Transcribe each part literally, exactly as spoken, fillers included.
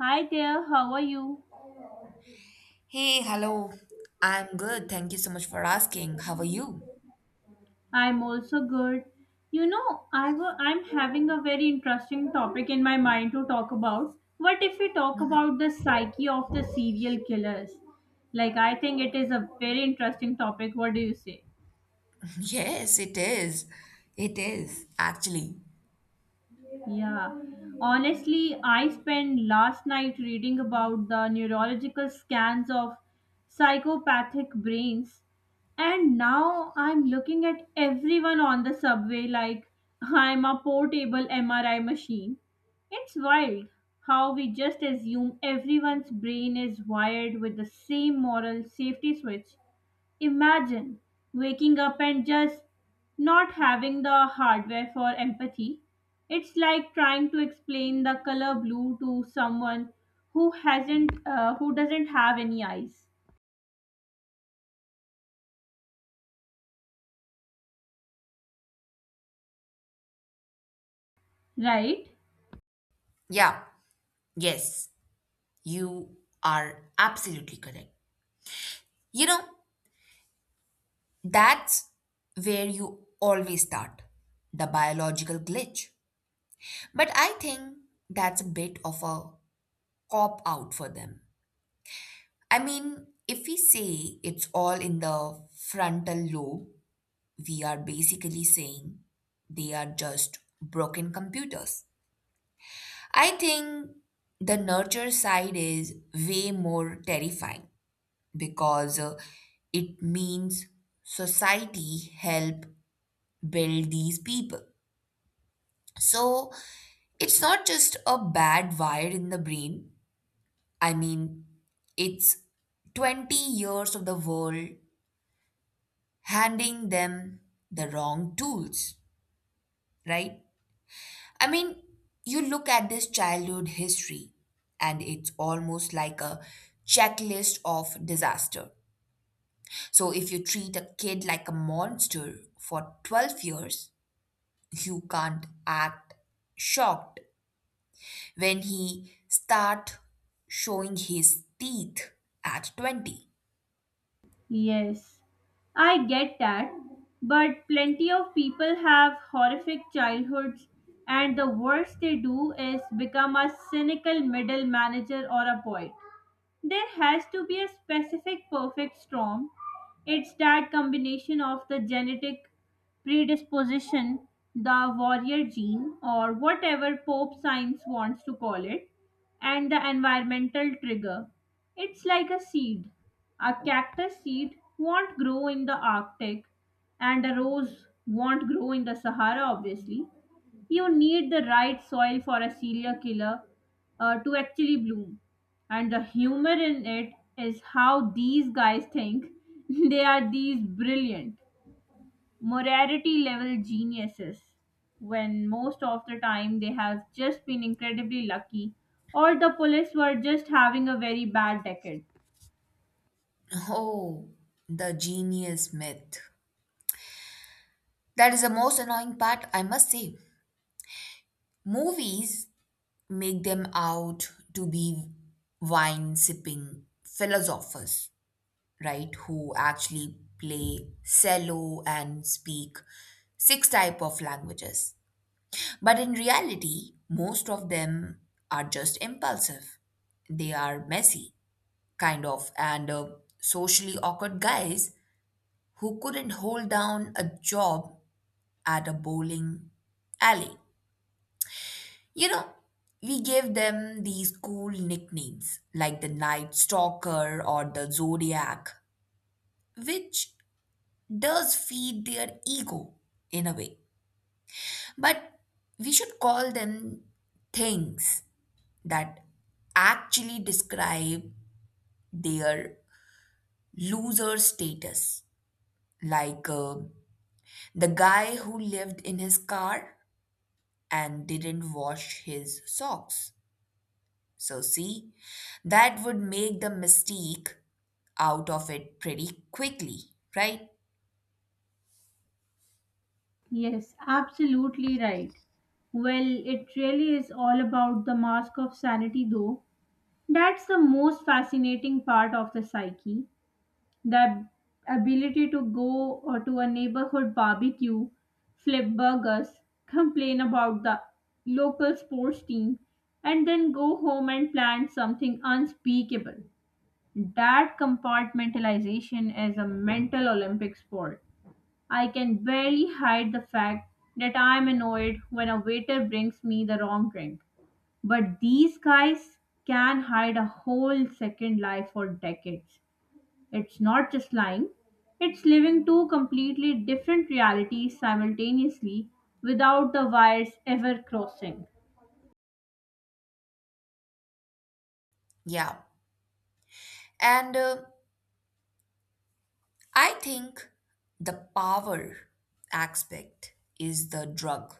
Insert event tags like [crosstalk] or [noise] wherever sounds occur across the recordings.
Hi there, how are you? Hey, hello. I'm good. Thank you so much for asking. How are you? I'm also good. You know, i w- I'm having a very interesting topic in my mind to talk about. What if we talk about the psyche of the serial killers? Like, I think it is a very interesting topic. What do you say? [laughs] Yes, it is. It is, actually. Yeah. Honestly, I spent last night reading about the neurological scans of psychopathic brains, and now I'm looking at everyone on the subway like I'm a portable M R I machine. It's wild how we just assume everyone's brain is wired with the same moral safety switch. Imagine waking up and just not having the hardware for empathy. It's like trying to explain the color blue to someone who hasn't uh, who doesn't have any eyes, right? Yeah, yes, you are absolutely correct. You know, that's where you always start the biological glitch. But I think that's a bit of a cop out for them. I mean, if we say it's all in the frontal lobe, we are basically saying they are just broken computers. I think the nurture side is way more terrifying because uh, it means society help build these people. So it's not just a bad wire in the brain. I mean, it's twenty years of the world handing them the wrong tools, right? I mean, you look at this childhood history, and it's almost like a checklist of disaster. So, if you treat a kid like a monster for twelve years, you can't act shocked when he start showing his teeth at twenty. Yes. I get that, but plenty of people have horrific childhoods, and the worst they do is become a cynical middle manager or a poet. There has to be a specific perfect storm. It's that combination of the genetic predisposition, the warrior gene, or whatever Pope science wants to call it, and the environmental trigger. It's like a seed. A cactus seed won't grow in the Arctic, and a rose won't grow in the Sahara, obviously. You need the right soil for a serial killer uh, to actually bloom, and the humor in it is how these guys think [laughs] they are these brilliant morality level geniuses when most of the time they have just been incredibly lucky, or the police were just having a very bad decade. Oh, the genius myth. That is the most annoying part, I must say. Movies make them out to be wine sipping philosophers, right? Who actually play cello and speak six type of languages. But in reality, most of them are just impulsive. They are messy, kind of, and uh, socially awkward guys who couldn't hold down a job at a bowling alley. You know, we gave them these cool nicknames like the Night Stalker or the Zodiac, which does feed their ego in a way. But we should call them things that actually describe their loser status. Like uh, the guy who lived in his car and didn't wash his socks. So, see, that would make the mystique out of it pretty quickly, right? Yes, absolutely right. Well, it really is all about the mask of sanity, though. That's the most fascinating part of the psyche. The ability to go or to a neighborhood barbecue, flip burgers, complain about the local sports team, and then go home and plan something unspeakable. That compartmentalization is a mental Olympic sport. I can barely hide the fact that I'm annoyed when a waiter brings me the wrong drink. But these guys can hide a whole second life for decades. It's not just lying, it's living two completely different realities simultaneously without the wires ever crossing. Yeah. And uh, I think the power aspect is the drug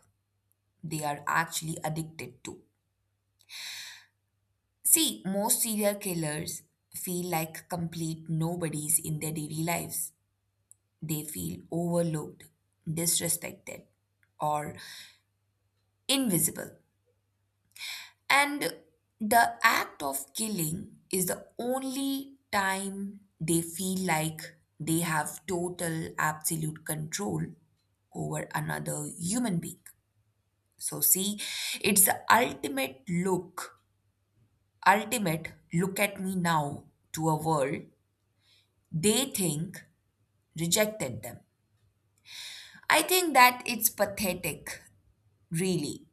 they are actually addicted to. See, most serial killers feel like complete nobodies in their daily lives. They feel overlooked, disrespected, or invisible. And the act of killing is the only time they feel like they have total, absolute control over another human being. So, see, it's the ultimate look, ultimate look at me now to a world they think rejected them. I think that it's pathetic, really.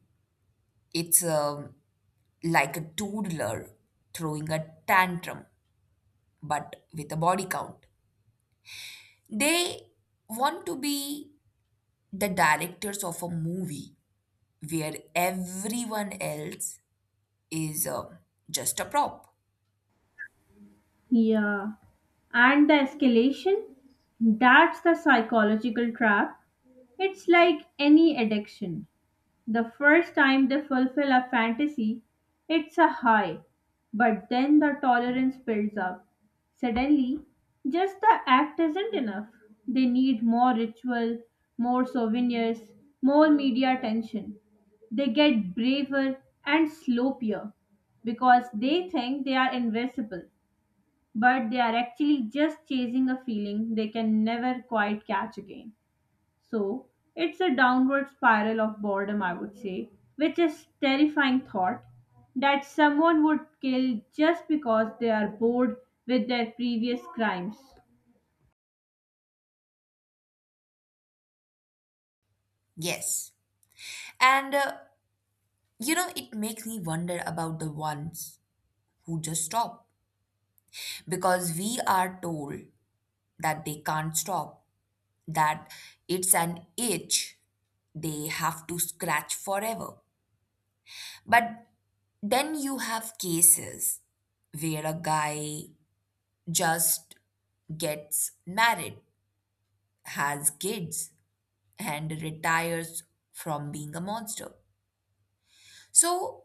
It's um, like a toddler throwing a tantrum but with a body count. They want to be the directors of a movie where everyone else is uh, just a prop. Yeah. And the escalation? That's the psychological trap. It's like any addiction. The first time they fulfill a fantasy, it's a high, but then the tolerance builds up. Suddenly, just the act isn't enough. They need more ritual, more souvenirs, more media attention. They get braver and sloppier because they think they are invincible, but they are actually just chasing a feeling they can never quite catch again. So it's a downward spiral of boredom, I would say, which is terrifying thought that someone would kill just because they are bored with their previous crimes. Yes. And uh, you know, it makes me wonder about the ones who just stop because we are told that they can't stop, that it's an itch they have to scratch forever. But then you have cases where a guy just gets married, has kids, and retires from being a monster. So,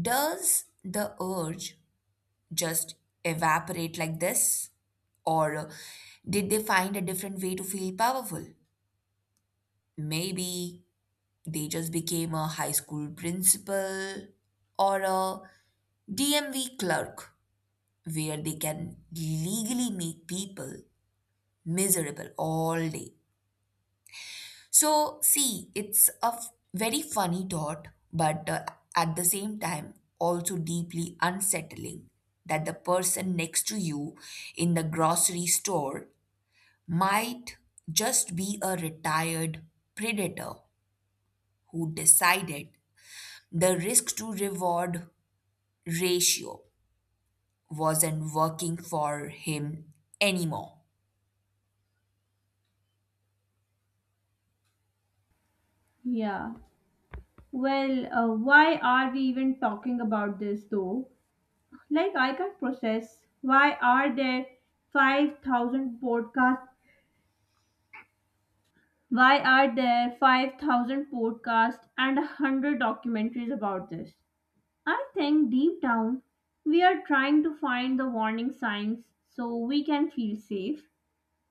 does the urge just evaporate like this? Or uh, did they find a different way to feel powerful? Maybe they just became a high school principal or a D M V clerk where they can legally make people miserable all day. So, see, it's a f- very funny thought, but uh, at the same time, also deeply unsettling that the person next to you in the grocery store might just be a retired predator who decided the risk to reward ratio wasn't working for him anymore. Yeah. Well, uh, why are we even talking about this though? Like, I can't process. Why are there five thousand podcasts? Why are there five thousand podcasts and a 100 documentaries about this? I think deep down, we are trying to find the warning signs so we can feel safe.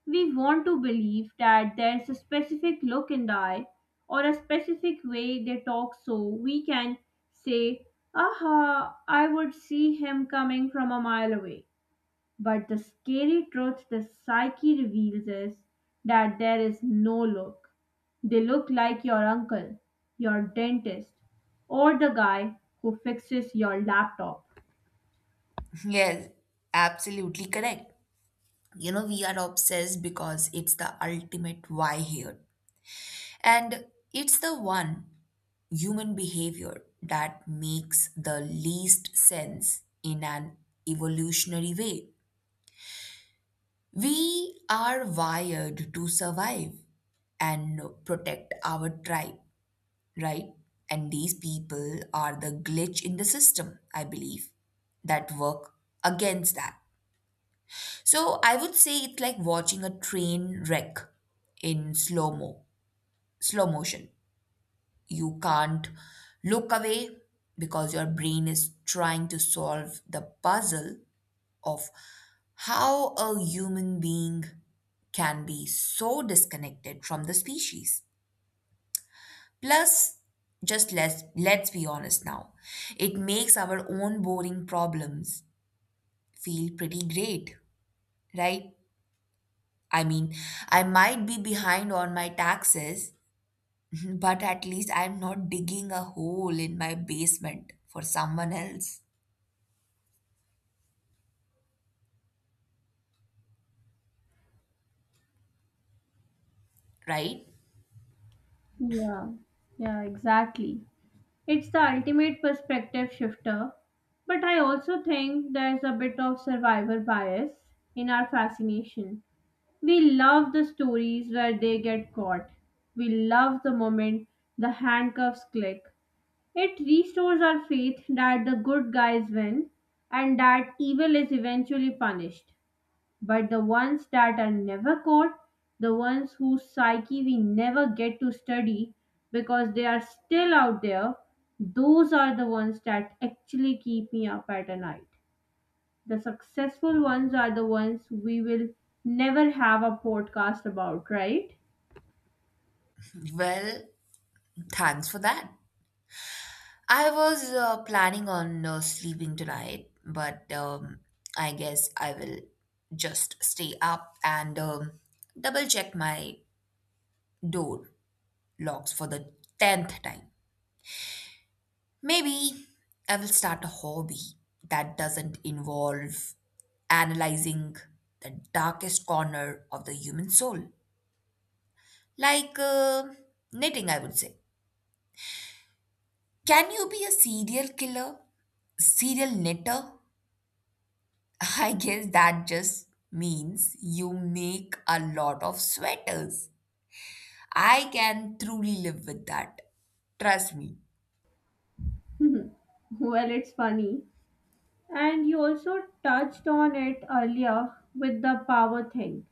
We want to believe that there's a specific look in the eye or a specific way they talk so we can say, aha, I would see him coming from a mile away. But the scary truth the psyche reveals is that there is no look. They look like your uncle, your dentist, or the guy who fixes your laptop. [laughs] Yes, absolutely correct. You know, we are obsessed because it's the ultimate why here. And it's the one human behavior that makes the least sense in an evolutionary way. We are wired to survive and protect our tribe, right? And these people are the glitch in the system, I believe, that work against that. So I would say it's like watching a train wreck in slow mo, slow motion. You can't look away because your brain is trying to solve the puzzle of how a human being can be so disconnected from the species. Plus, just let's, let's be honest now, it makes our own boring problems feel pretty great, right? I mean, I might be behind on my taxes, [laughs] but at least I'm not digging a hole in my basement for someone else. Right? Yeah, yeah, exactly. It's the ultimate perspective shifter. But I also think there's a bit of survivor bias in our fascination. We love the stories where they get caught. We love the moment the handcuffs click. It restores our faith that the good guys win and that evil is eventually punished. But the ones that are never caught, the ones whose psyche we never get to study because they are still out there, those are the ones that actually keep me up at a night. The successful ones are the ones we will never have a podcast about, right? Well, thanks for that. I was uh, planning on uh, sleeping tonight, but um, I guess I will just stay up and um, double check my door locks for the tenth time. Maybe I will start a hobby that doesn't involve analyzing the darkest corner of the human soul. Like uh, knitting, I would say. Can you be a serial killer? Serial knitter? [laughs] I guess that just means you make a lot of sweaters. I can truly live with that. Trust me. [laughs] Well, it's funny. And you also touched on it earlier with the power thing.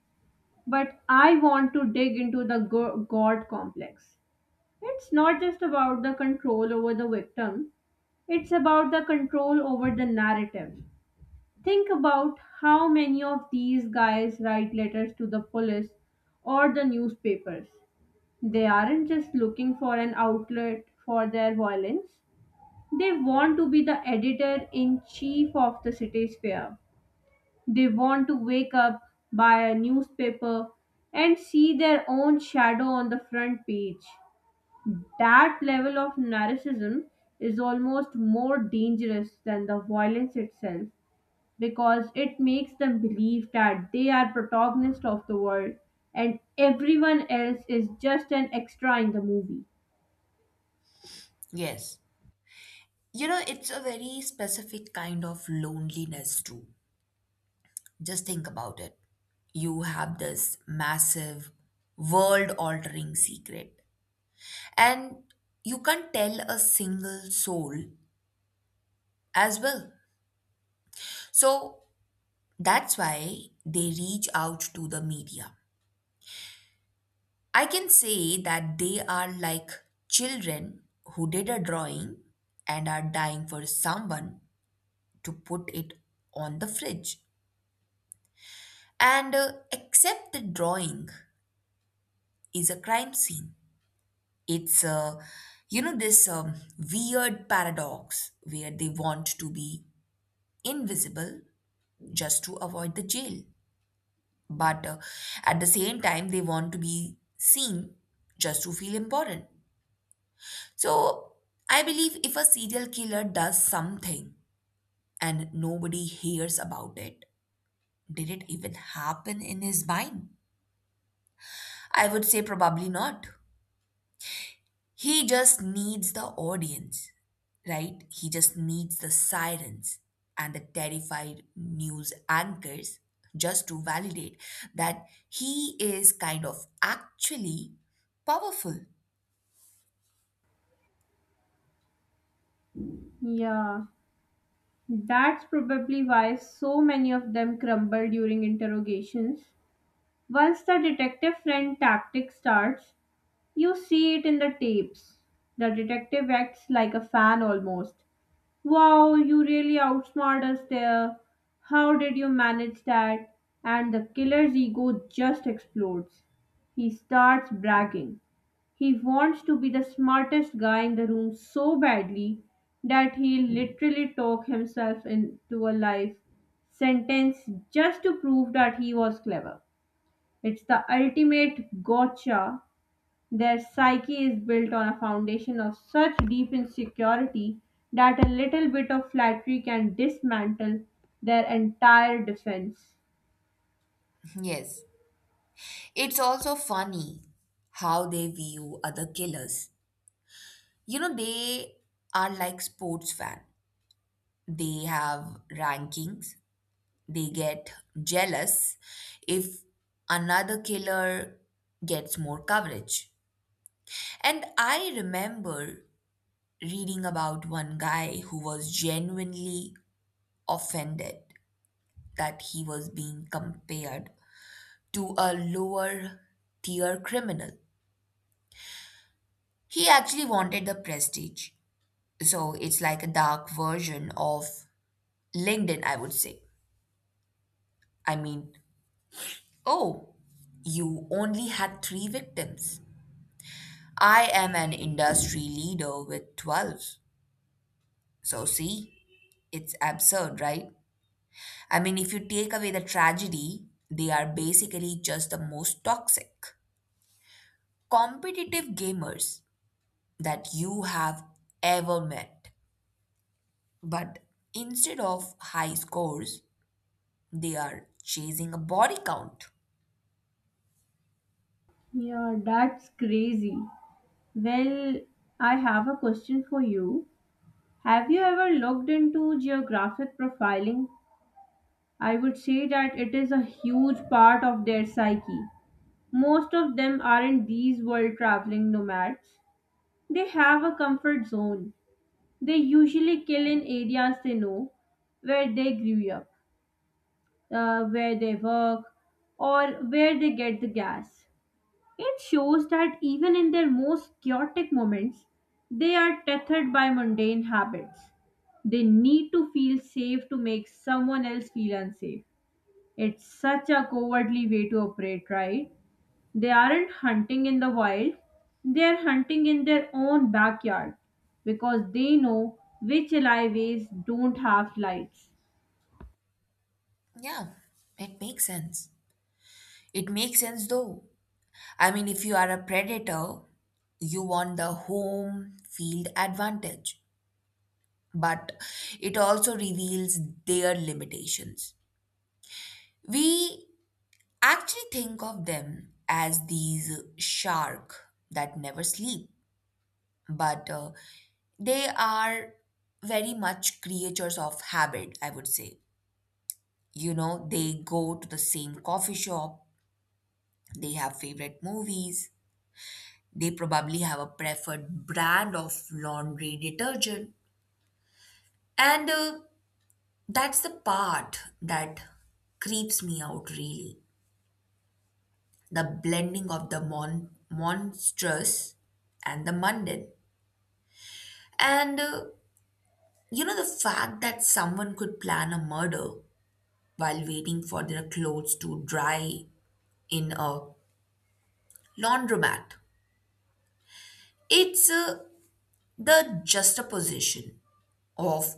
But I want to dig into the go- God complex. It's not just about the control over the victim, it's about the control over the narrative. Think about how many of these guys write letters to the police or the newspapers. They aren't just looking for an outlet for their violence, they want to be the editor in chief of the city's fair. They want to wake up, buy a newspaper, and see their own shadow on the front page. That level of narcissism is almost more dangerous than the violence itself because it makes them believe that they are protagonist of the world and everyone else is just an extra in the movie. Yes. You know, it's a very specific kind of loneliness, too. Just think about it. You have this massive, world altering secret, and you can't tell a single soul as well. So that's why they reach out to the media. I can say that they are like children who did a drawing and are dying for someone to put it on the fridge. And uh, except the drawing is a crime scene. It's uh, You know this um, weird paradox where they want to be invisible just to avoid the jail, but uh, at the same time they want to be seen just to feel important. So I believe if a serial killer does something and nobody hears about it, did it even happen in his mind? I would say probably not. He just needs the audience, right? He just needs the sirens and the terrified news anchors just to validate that he is kind of actually powerful. Yeah, that's probably why so many of them crumble during interrogations. Once the detective friend tactic starts, you see it in the tapes. The detective acts like a fan almost. Wow, you really outsmarted us there. How did you manage that? And the killer's ego just explodes. He starts bragging. He wants to be the smartest guy in the room so badly that he'll literally talk himself into a life sentence just to prove that he was clever. It's the ultimate gotcha. Their psyche is built on a foundation of such deep insecurity that a little bit of flattery can dismantle their entire defense. Yes. It's also funny how they view other killers. You know, they are like sports fan. They have rankings. They get jealous if another killer gets more coverage. And I remember reading about one guy who was genuinely offended that he was being compared to a lower tier criminal. He actually wanted the prestige. So it's like a dark version of linkedin, I would say. I mean, oh, you only had three victims. I am an industry leader with twelve. So, see, it's absurd, right? I mean, if you take away the tragedy, they are basically just the most toxic, competitive gamers that you have ever met. But instead of high scores, they are chasing a body count. Yeah, that's crazy. Well, I have a question for you. Have you ever looked into geographic profiling? I would say that it is a huge part of their psyche. Most of them aren't these world traveling nomads. They have a comfort zone. They usually kill in areas they know, where they grew up, uh, where they work, or where they get the gas. It shows that even in their most chaotic moments, they are tethered by mundane habits. They need to feel safe to make someone else feel unsafe. It's such a cowardly way to operate, right? They aren't hunting in the wild, they are hunting in their own backyard because they know which alleyways don't have lights. Yeah, it makes sense. It makes sense though, I mean, if you are a predator, you want the home field advantage, but it also reveals their limitations. We actually think of them as these shark that never sleep, but uh, they are very much creatures of habit, I would say. You know, they go to the same coffee shop, they have favorite movies. They probably have a preferred brand of laundry detergent. And uh, that's the part that creeps me out really the blending of the mon- monstrous and the mundane. And uh, you know, the fact that someone could plan a murder while waiting for their clothes to dry in a laundromat. It's uh, The juxtaposition of,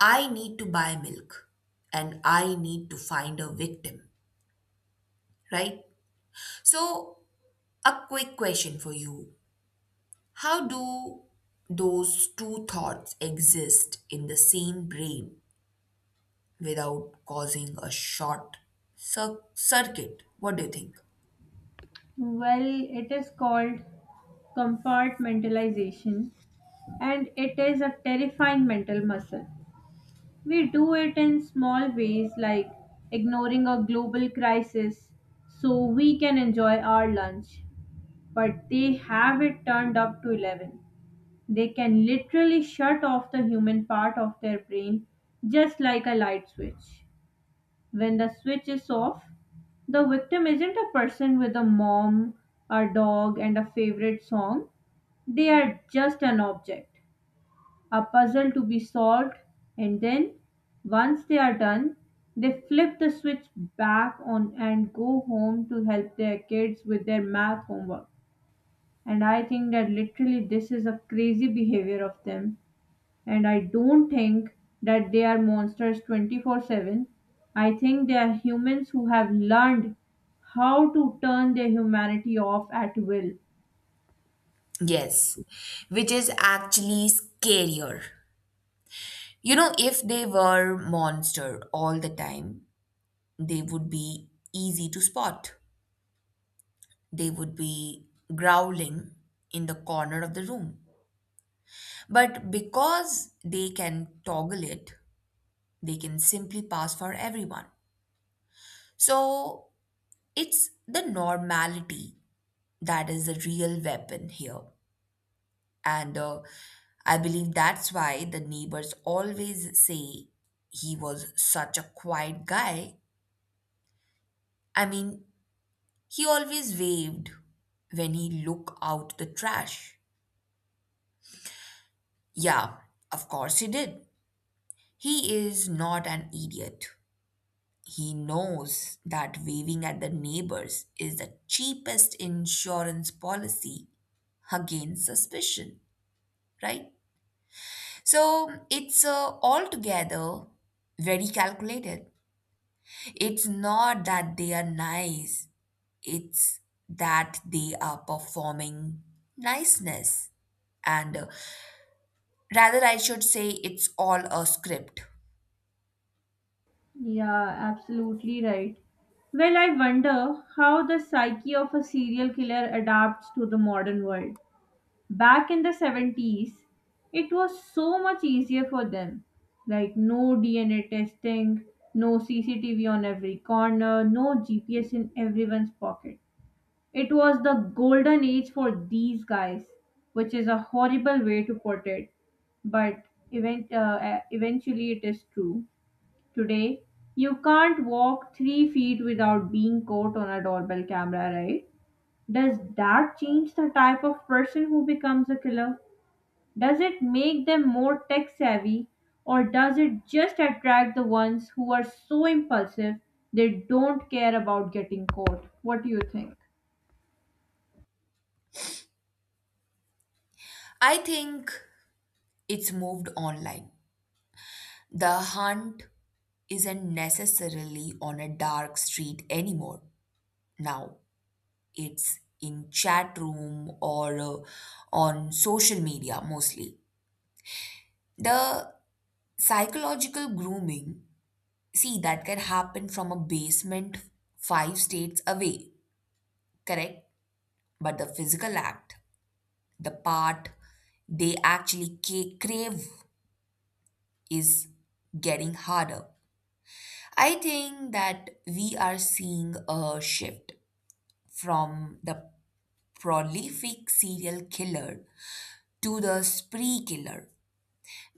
I need to buy milk and I need to find a victim, right? So, a quick question for you. How do those two thoughts exist in the same brain without causing a short cir- circuit? What do you think? Well, it is called compartmentalization and it is a terrifying mental muscle. We do it in small ways like ignoring a global crisis so we can enjoy our lunch, but they have it turned up to eleven. They can literally shut off the human part of their brain just like a light switch. When the switch is off, the victim isn't a person with a mom, a dog, and a favorite song. They are just an object, a puzzle to be solved, and then once they are done, they flip the switch back on and go home to help their kids with their math homework. And I think that literally this is a crazy behavior of them, and I don't think that they are monsters twenty-four seven. I think they are humans who have learned how to turn their humanity off at will. Yes, which is actually scarier. You know, if they were monster all the time, they would be easy to spot. They would be growling in the corner of the room. But because they can toggle it, they can simply pass for everyone. So it's the normality that is the real weapon here. And uh, I believe that's why the neighbors always say he was such a quiet guy. I mean, he always waved when he looked out the trash. Yeah, of course he did. He is not an idiot. He knows that waving at the neighbors is the cheapest insurance policy against suspicion, right? So it's uh, altogether very calculated. It's not that they are nice, it's that they are performing niceness. And uh, Rather, I should say it's all a script. Yeah, absolutely right. Well, I wonder how the psyche of a serial killer adapts to the modern world. Back in the seventies, it was so much easier for them. Like, no D N A testing, no C C T V on every corner, no G P S in everyone's pocket. It was the golden age for these guys, which is a horrible way to put it, but event, uh, uh, eventually it is true. Today, you can't walk three feet without being caught on a doorbell camera, right? Does that change the type of person who becomes a killer? Does it make them more tech savvy, or does it just attract the ones who are so impulsive they don't care about getting caught? What do you think? I think it's moved online. The hunt isn't necessarily on a dark street anymore. Now it's in chat room or uh, on social media mostly. The psychological grooming, see, that can happen from a basement five states away, correct? But the physical act, the part they actually ca- crave, is getting harder. I think that we are seeing a shift from the prolific serial killer to the spree killer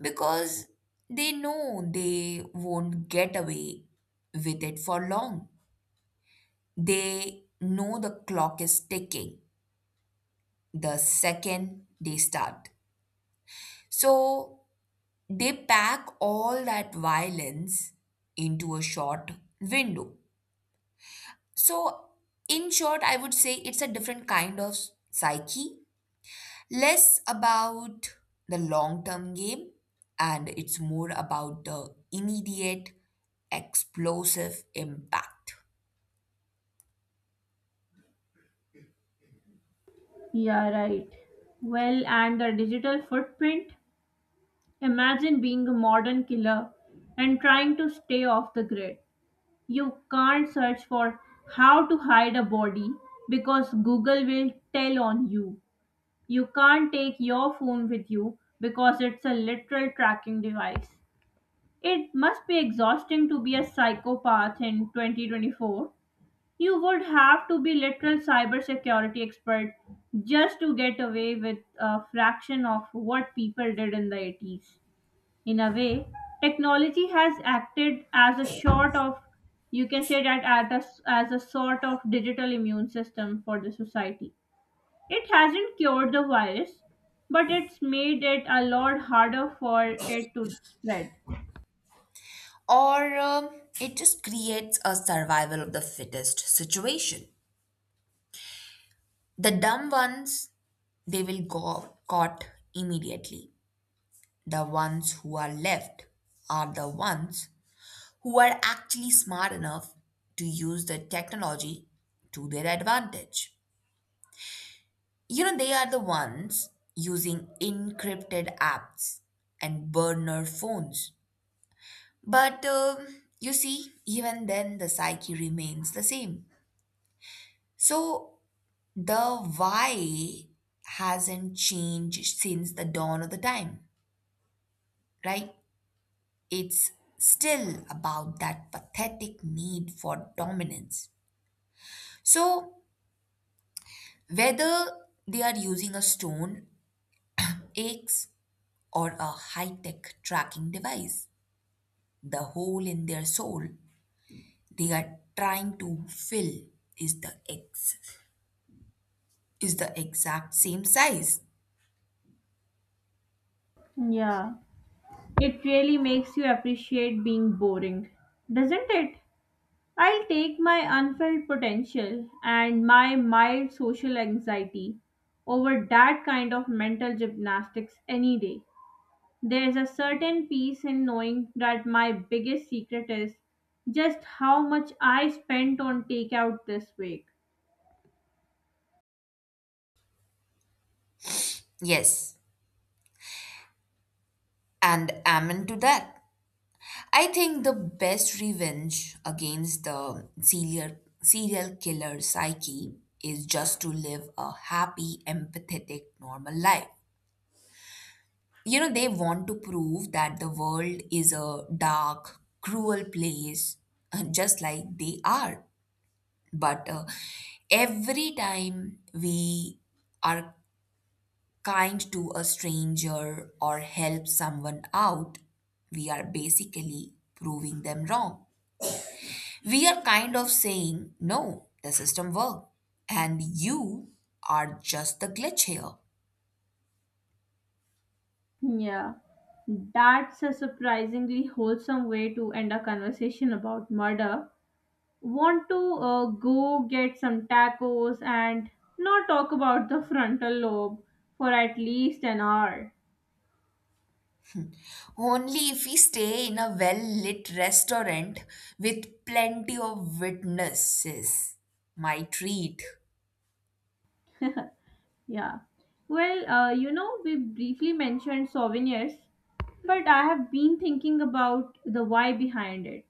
because they know they won't get away with it for long. They know the clock is ticking the second they start. So they pack all that violence into a short window. So, in short, I would say it's a different kind of psyche, less about the long term game and it's more about the immediate explosive impact. Yeah, right. Well, and the digital footprint? Imagine being a modern killer and trying to stay off the grid. You can't search for how to hide a body because Google will tell on you. You can't take your phone with you because it's a literal tracking device. It must be exhausting to be a psychopath in twenty twenty-four. You would have to be literal cybersecurity expert just to get away with a fraction of what people did in the eighties. In a way, technology has acted as a sort of, you can say that at a, as a sort of digital immune system for the society. It hasn't cured the virus, but it's made it a lot harder for it to spread. Or um, it just creates a survival of the fittest situation. The dumb ones, they will go caught immediately. The ones who are left are the ones who are actually smart enough to use the technology to their advantage. You know, they are the ones using encrypted apps and burner phones. But um, you see, even then, the psyche remains the same. So the why hasn't changed since the dawn of the time, right? It's still about that pathetic need for dominance. So whether they are using a stone, axe, or a high tech tracking device, the hole in their soul they are trying to fill is the ex is the exact same size. Yeah, it really makes you appreciate being boring, doesn't it? I'll take my unfelt potential and my mild social anxiety over that kind of mental gymnastics any day. There's a certain peace in knowing that my biggest secret is just how much I spent on takeout this week. Yes, and amen to that. I think the best revenge against the serial serial killer psyche is just to live a happy, empathetic, normal life. You know, they want to prove that the world is a dark, cruel place, [laughs] just like they are. But uh, every time we are kind to a stranger or help someone out, we are basically proving them wrong. We are kind of saying, no, the system worked, and you are just the glitch here. Yeah, that's a surprisingly wholesome way to end a conversation about murder. Want to uh, go get some tacos and not talk about the frontal lobe for at least an hour. Only if we stay in a well lit restaurant with plenty of witnesses, my treat. Yeah. Well, uh, you know, we briefly mentioned souvenirs, but I have been thinking about the why behind it.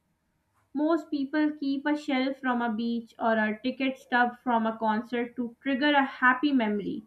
Most people keep a shell from a beach or a ticket stub from a concert to trigger a happy memory.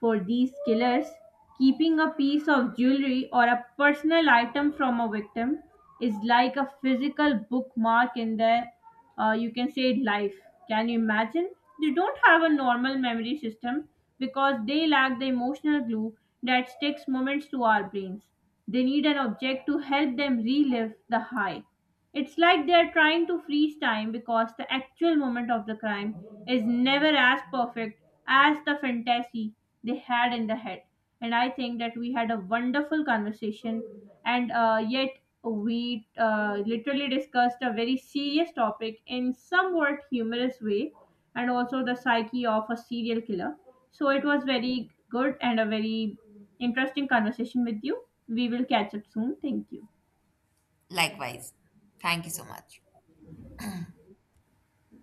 For these killers, keeping a piece of jewelry or a personal item from a victim is like a physical bookmark in their, uh, you can say, life. Can you imagine? They don't have a normal memory system because they lack the emotional glue that sticks moments to our brains. They need an object to help them relive the high. It's like they're trying to freeze time because the actual moment of the crime is never as perfect as the fantasy they had in the head. And I think that we had a wonderful conversation, and uh, yet we uh, literally discussed a very serious topic in somewhat humorous way, and also the psyche of a serial killer. So it was very good and a very interesting conversation with you. We will catch up soon. Thank you. Likewise. Thank you so much.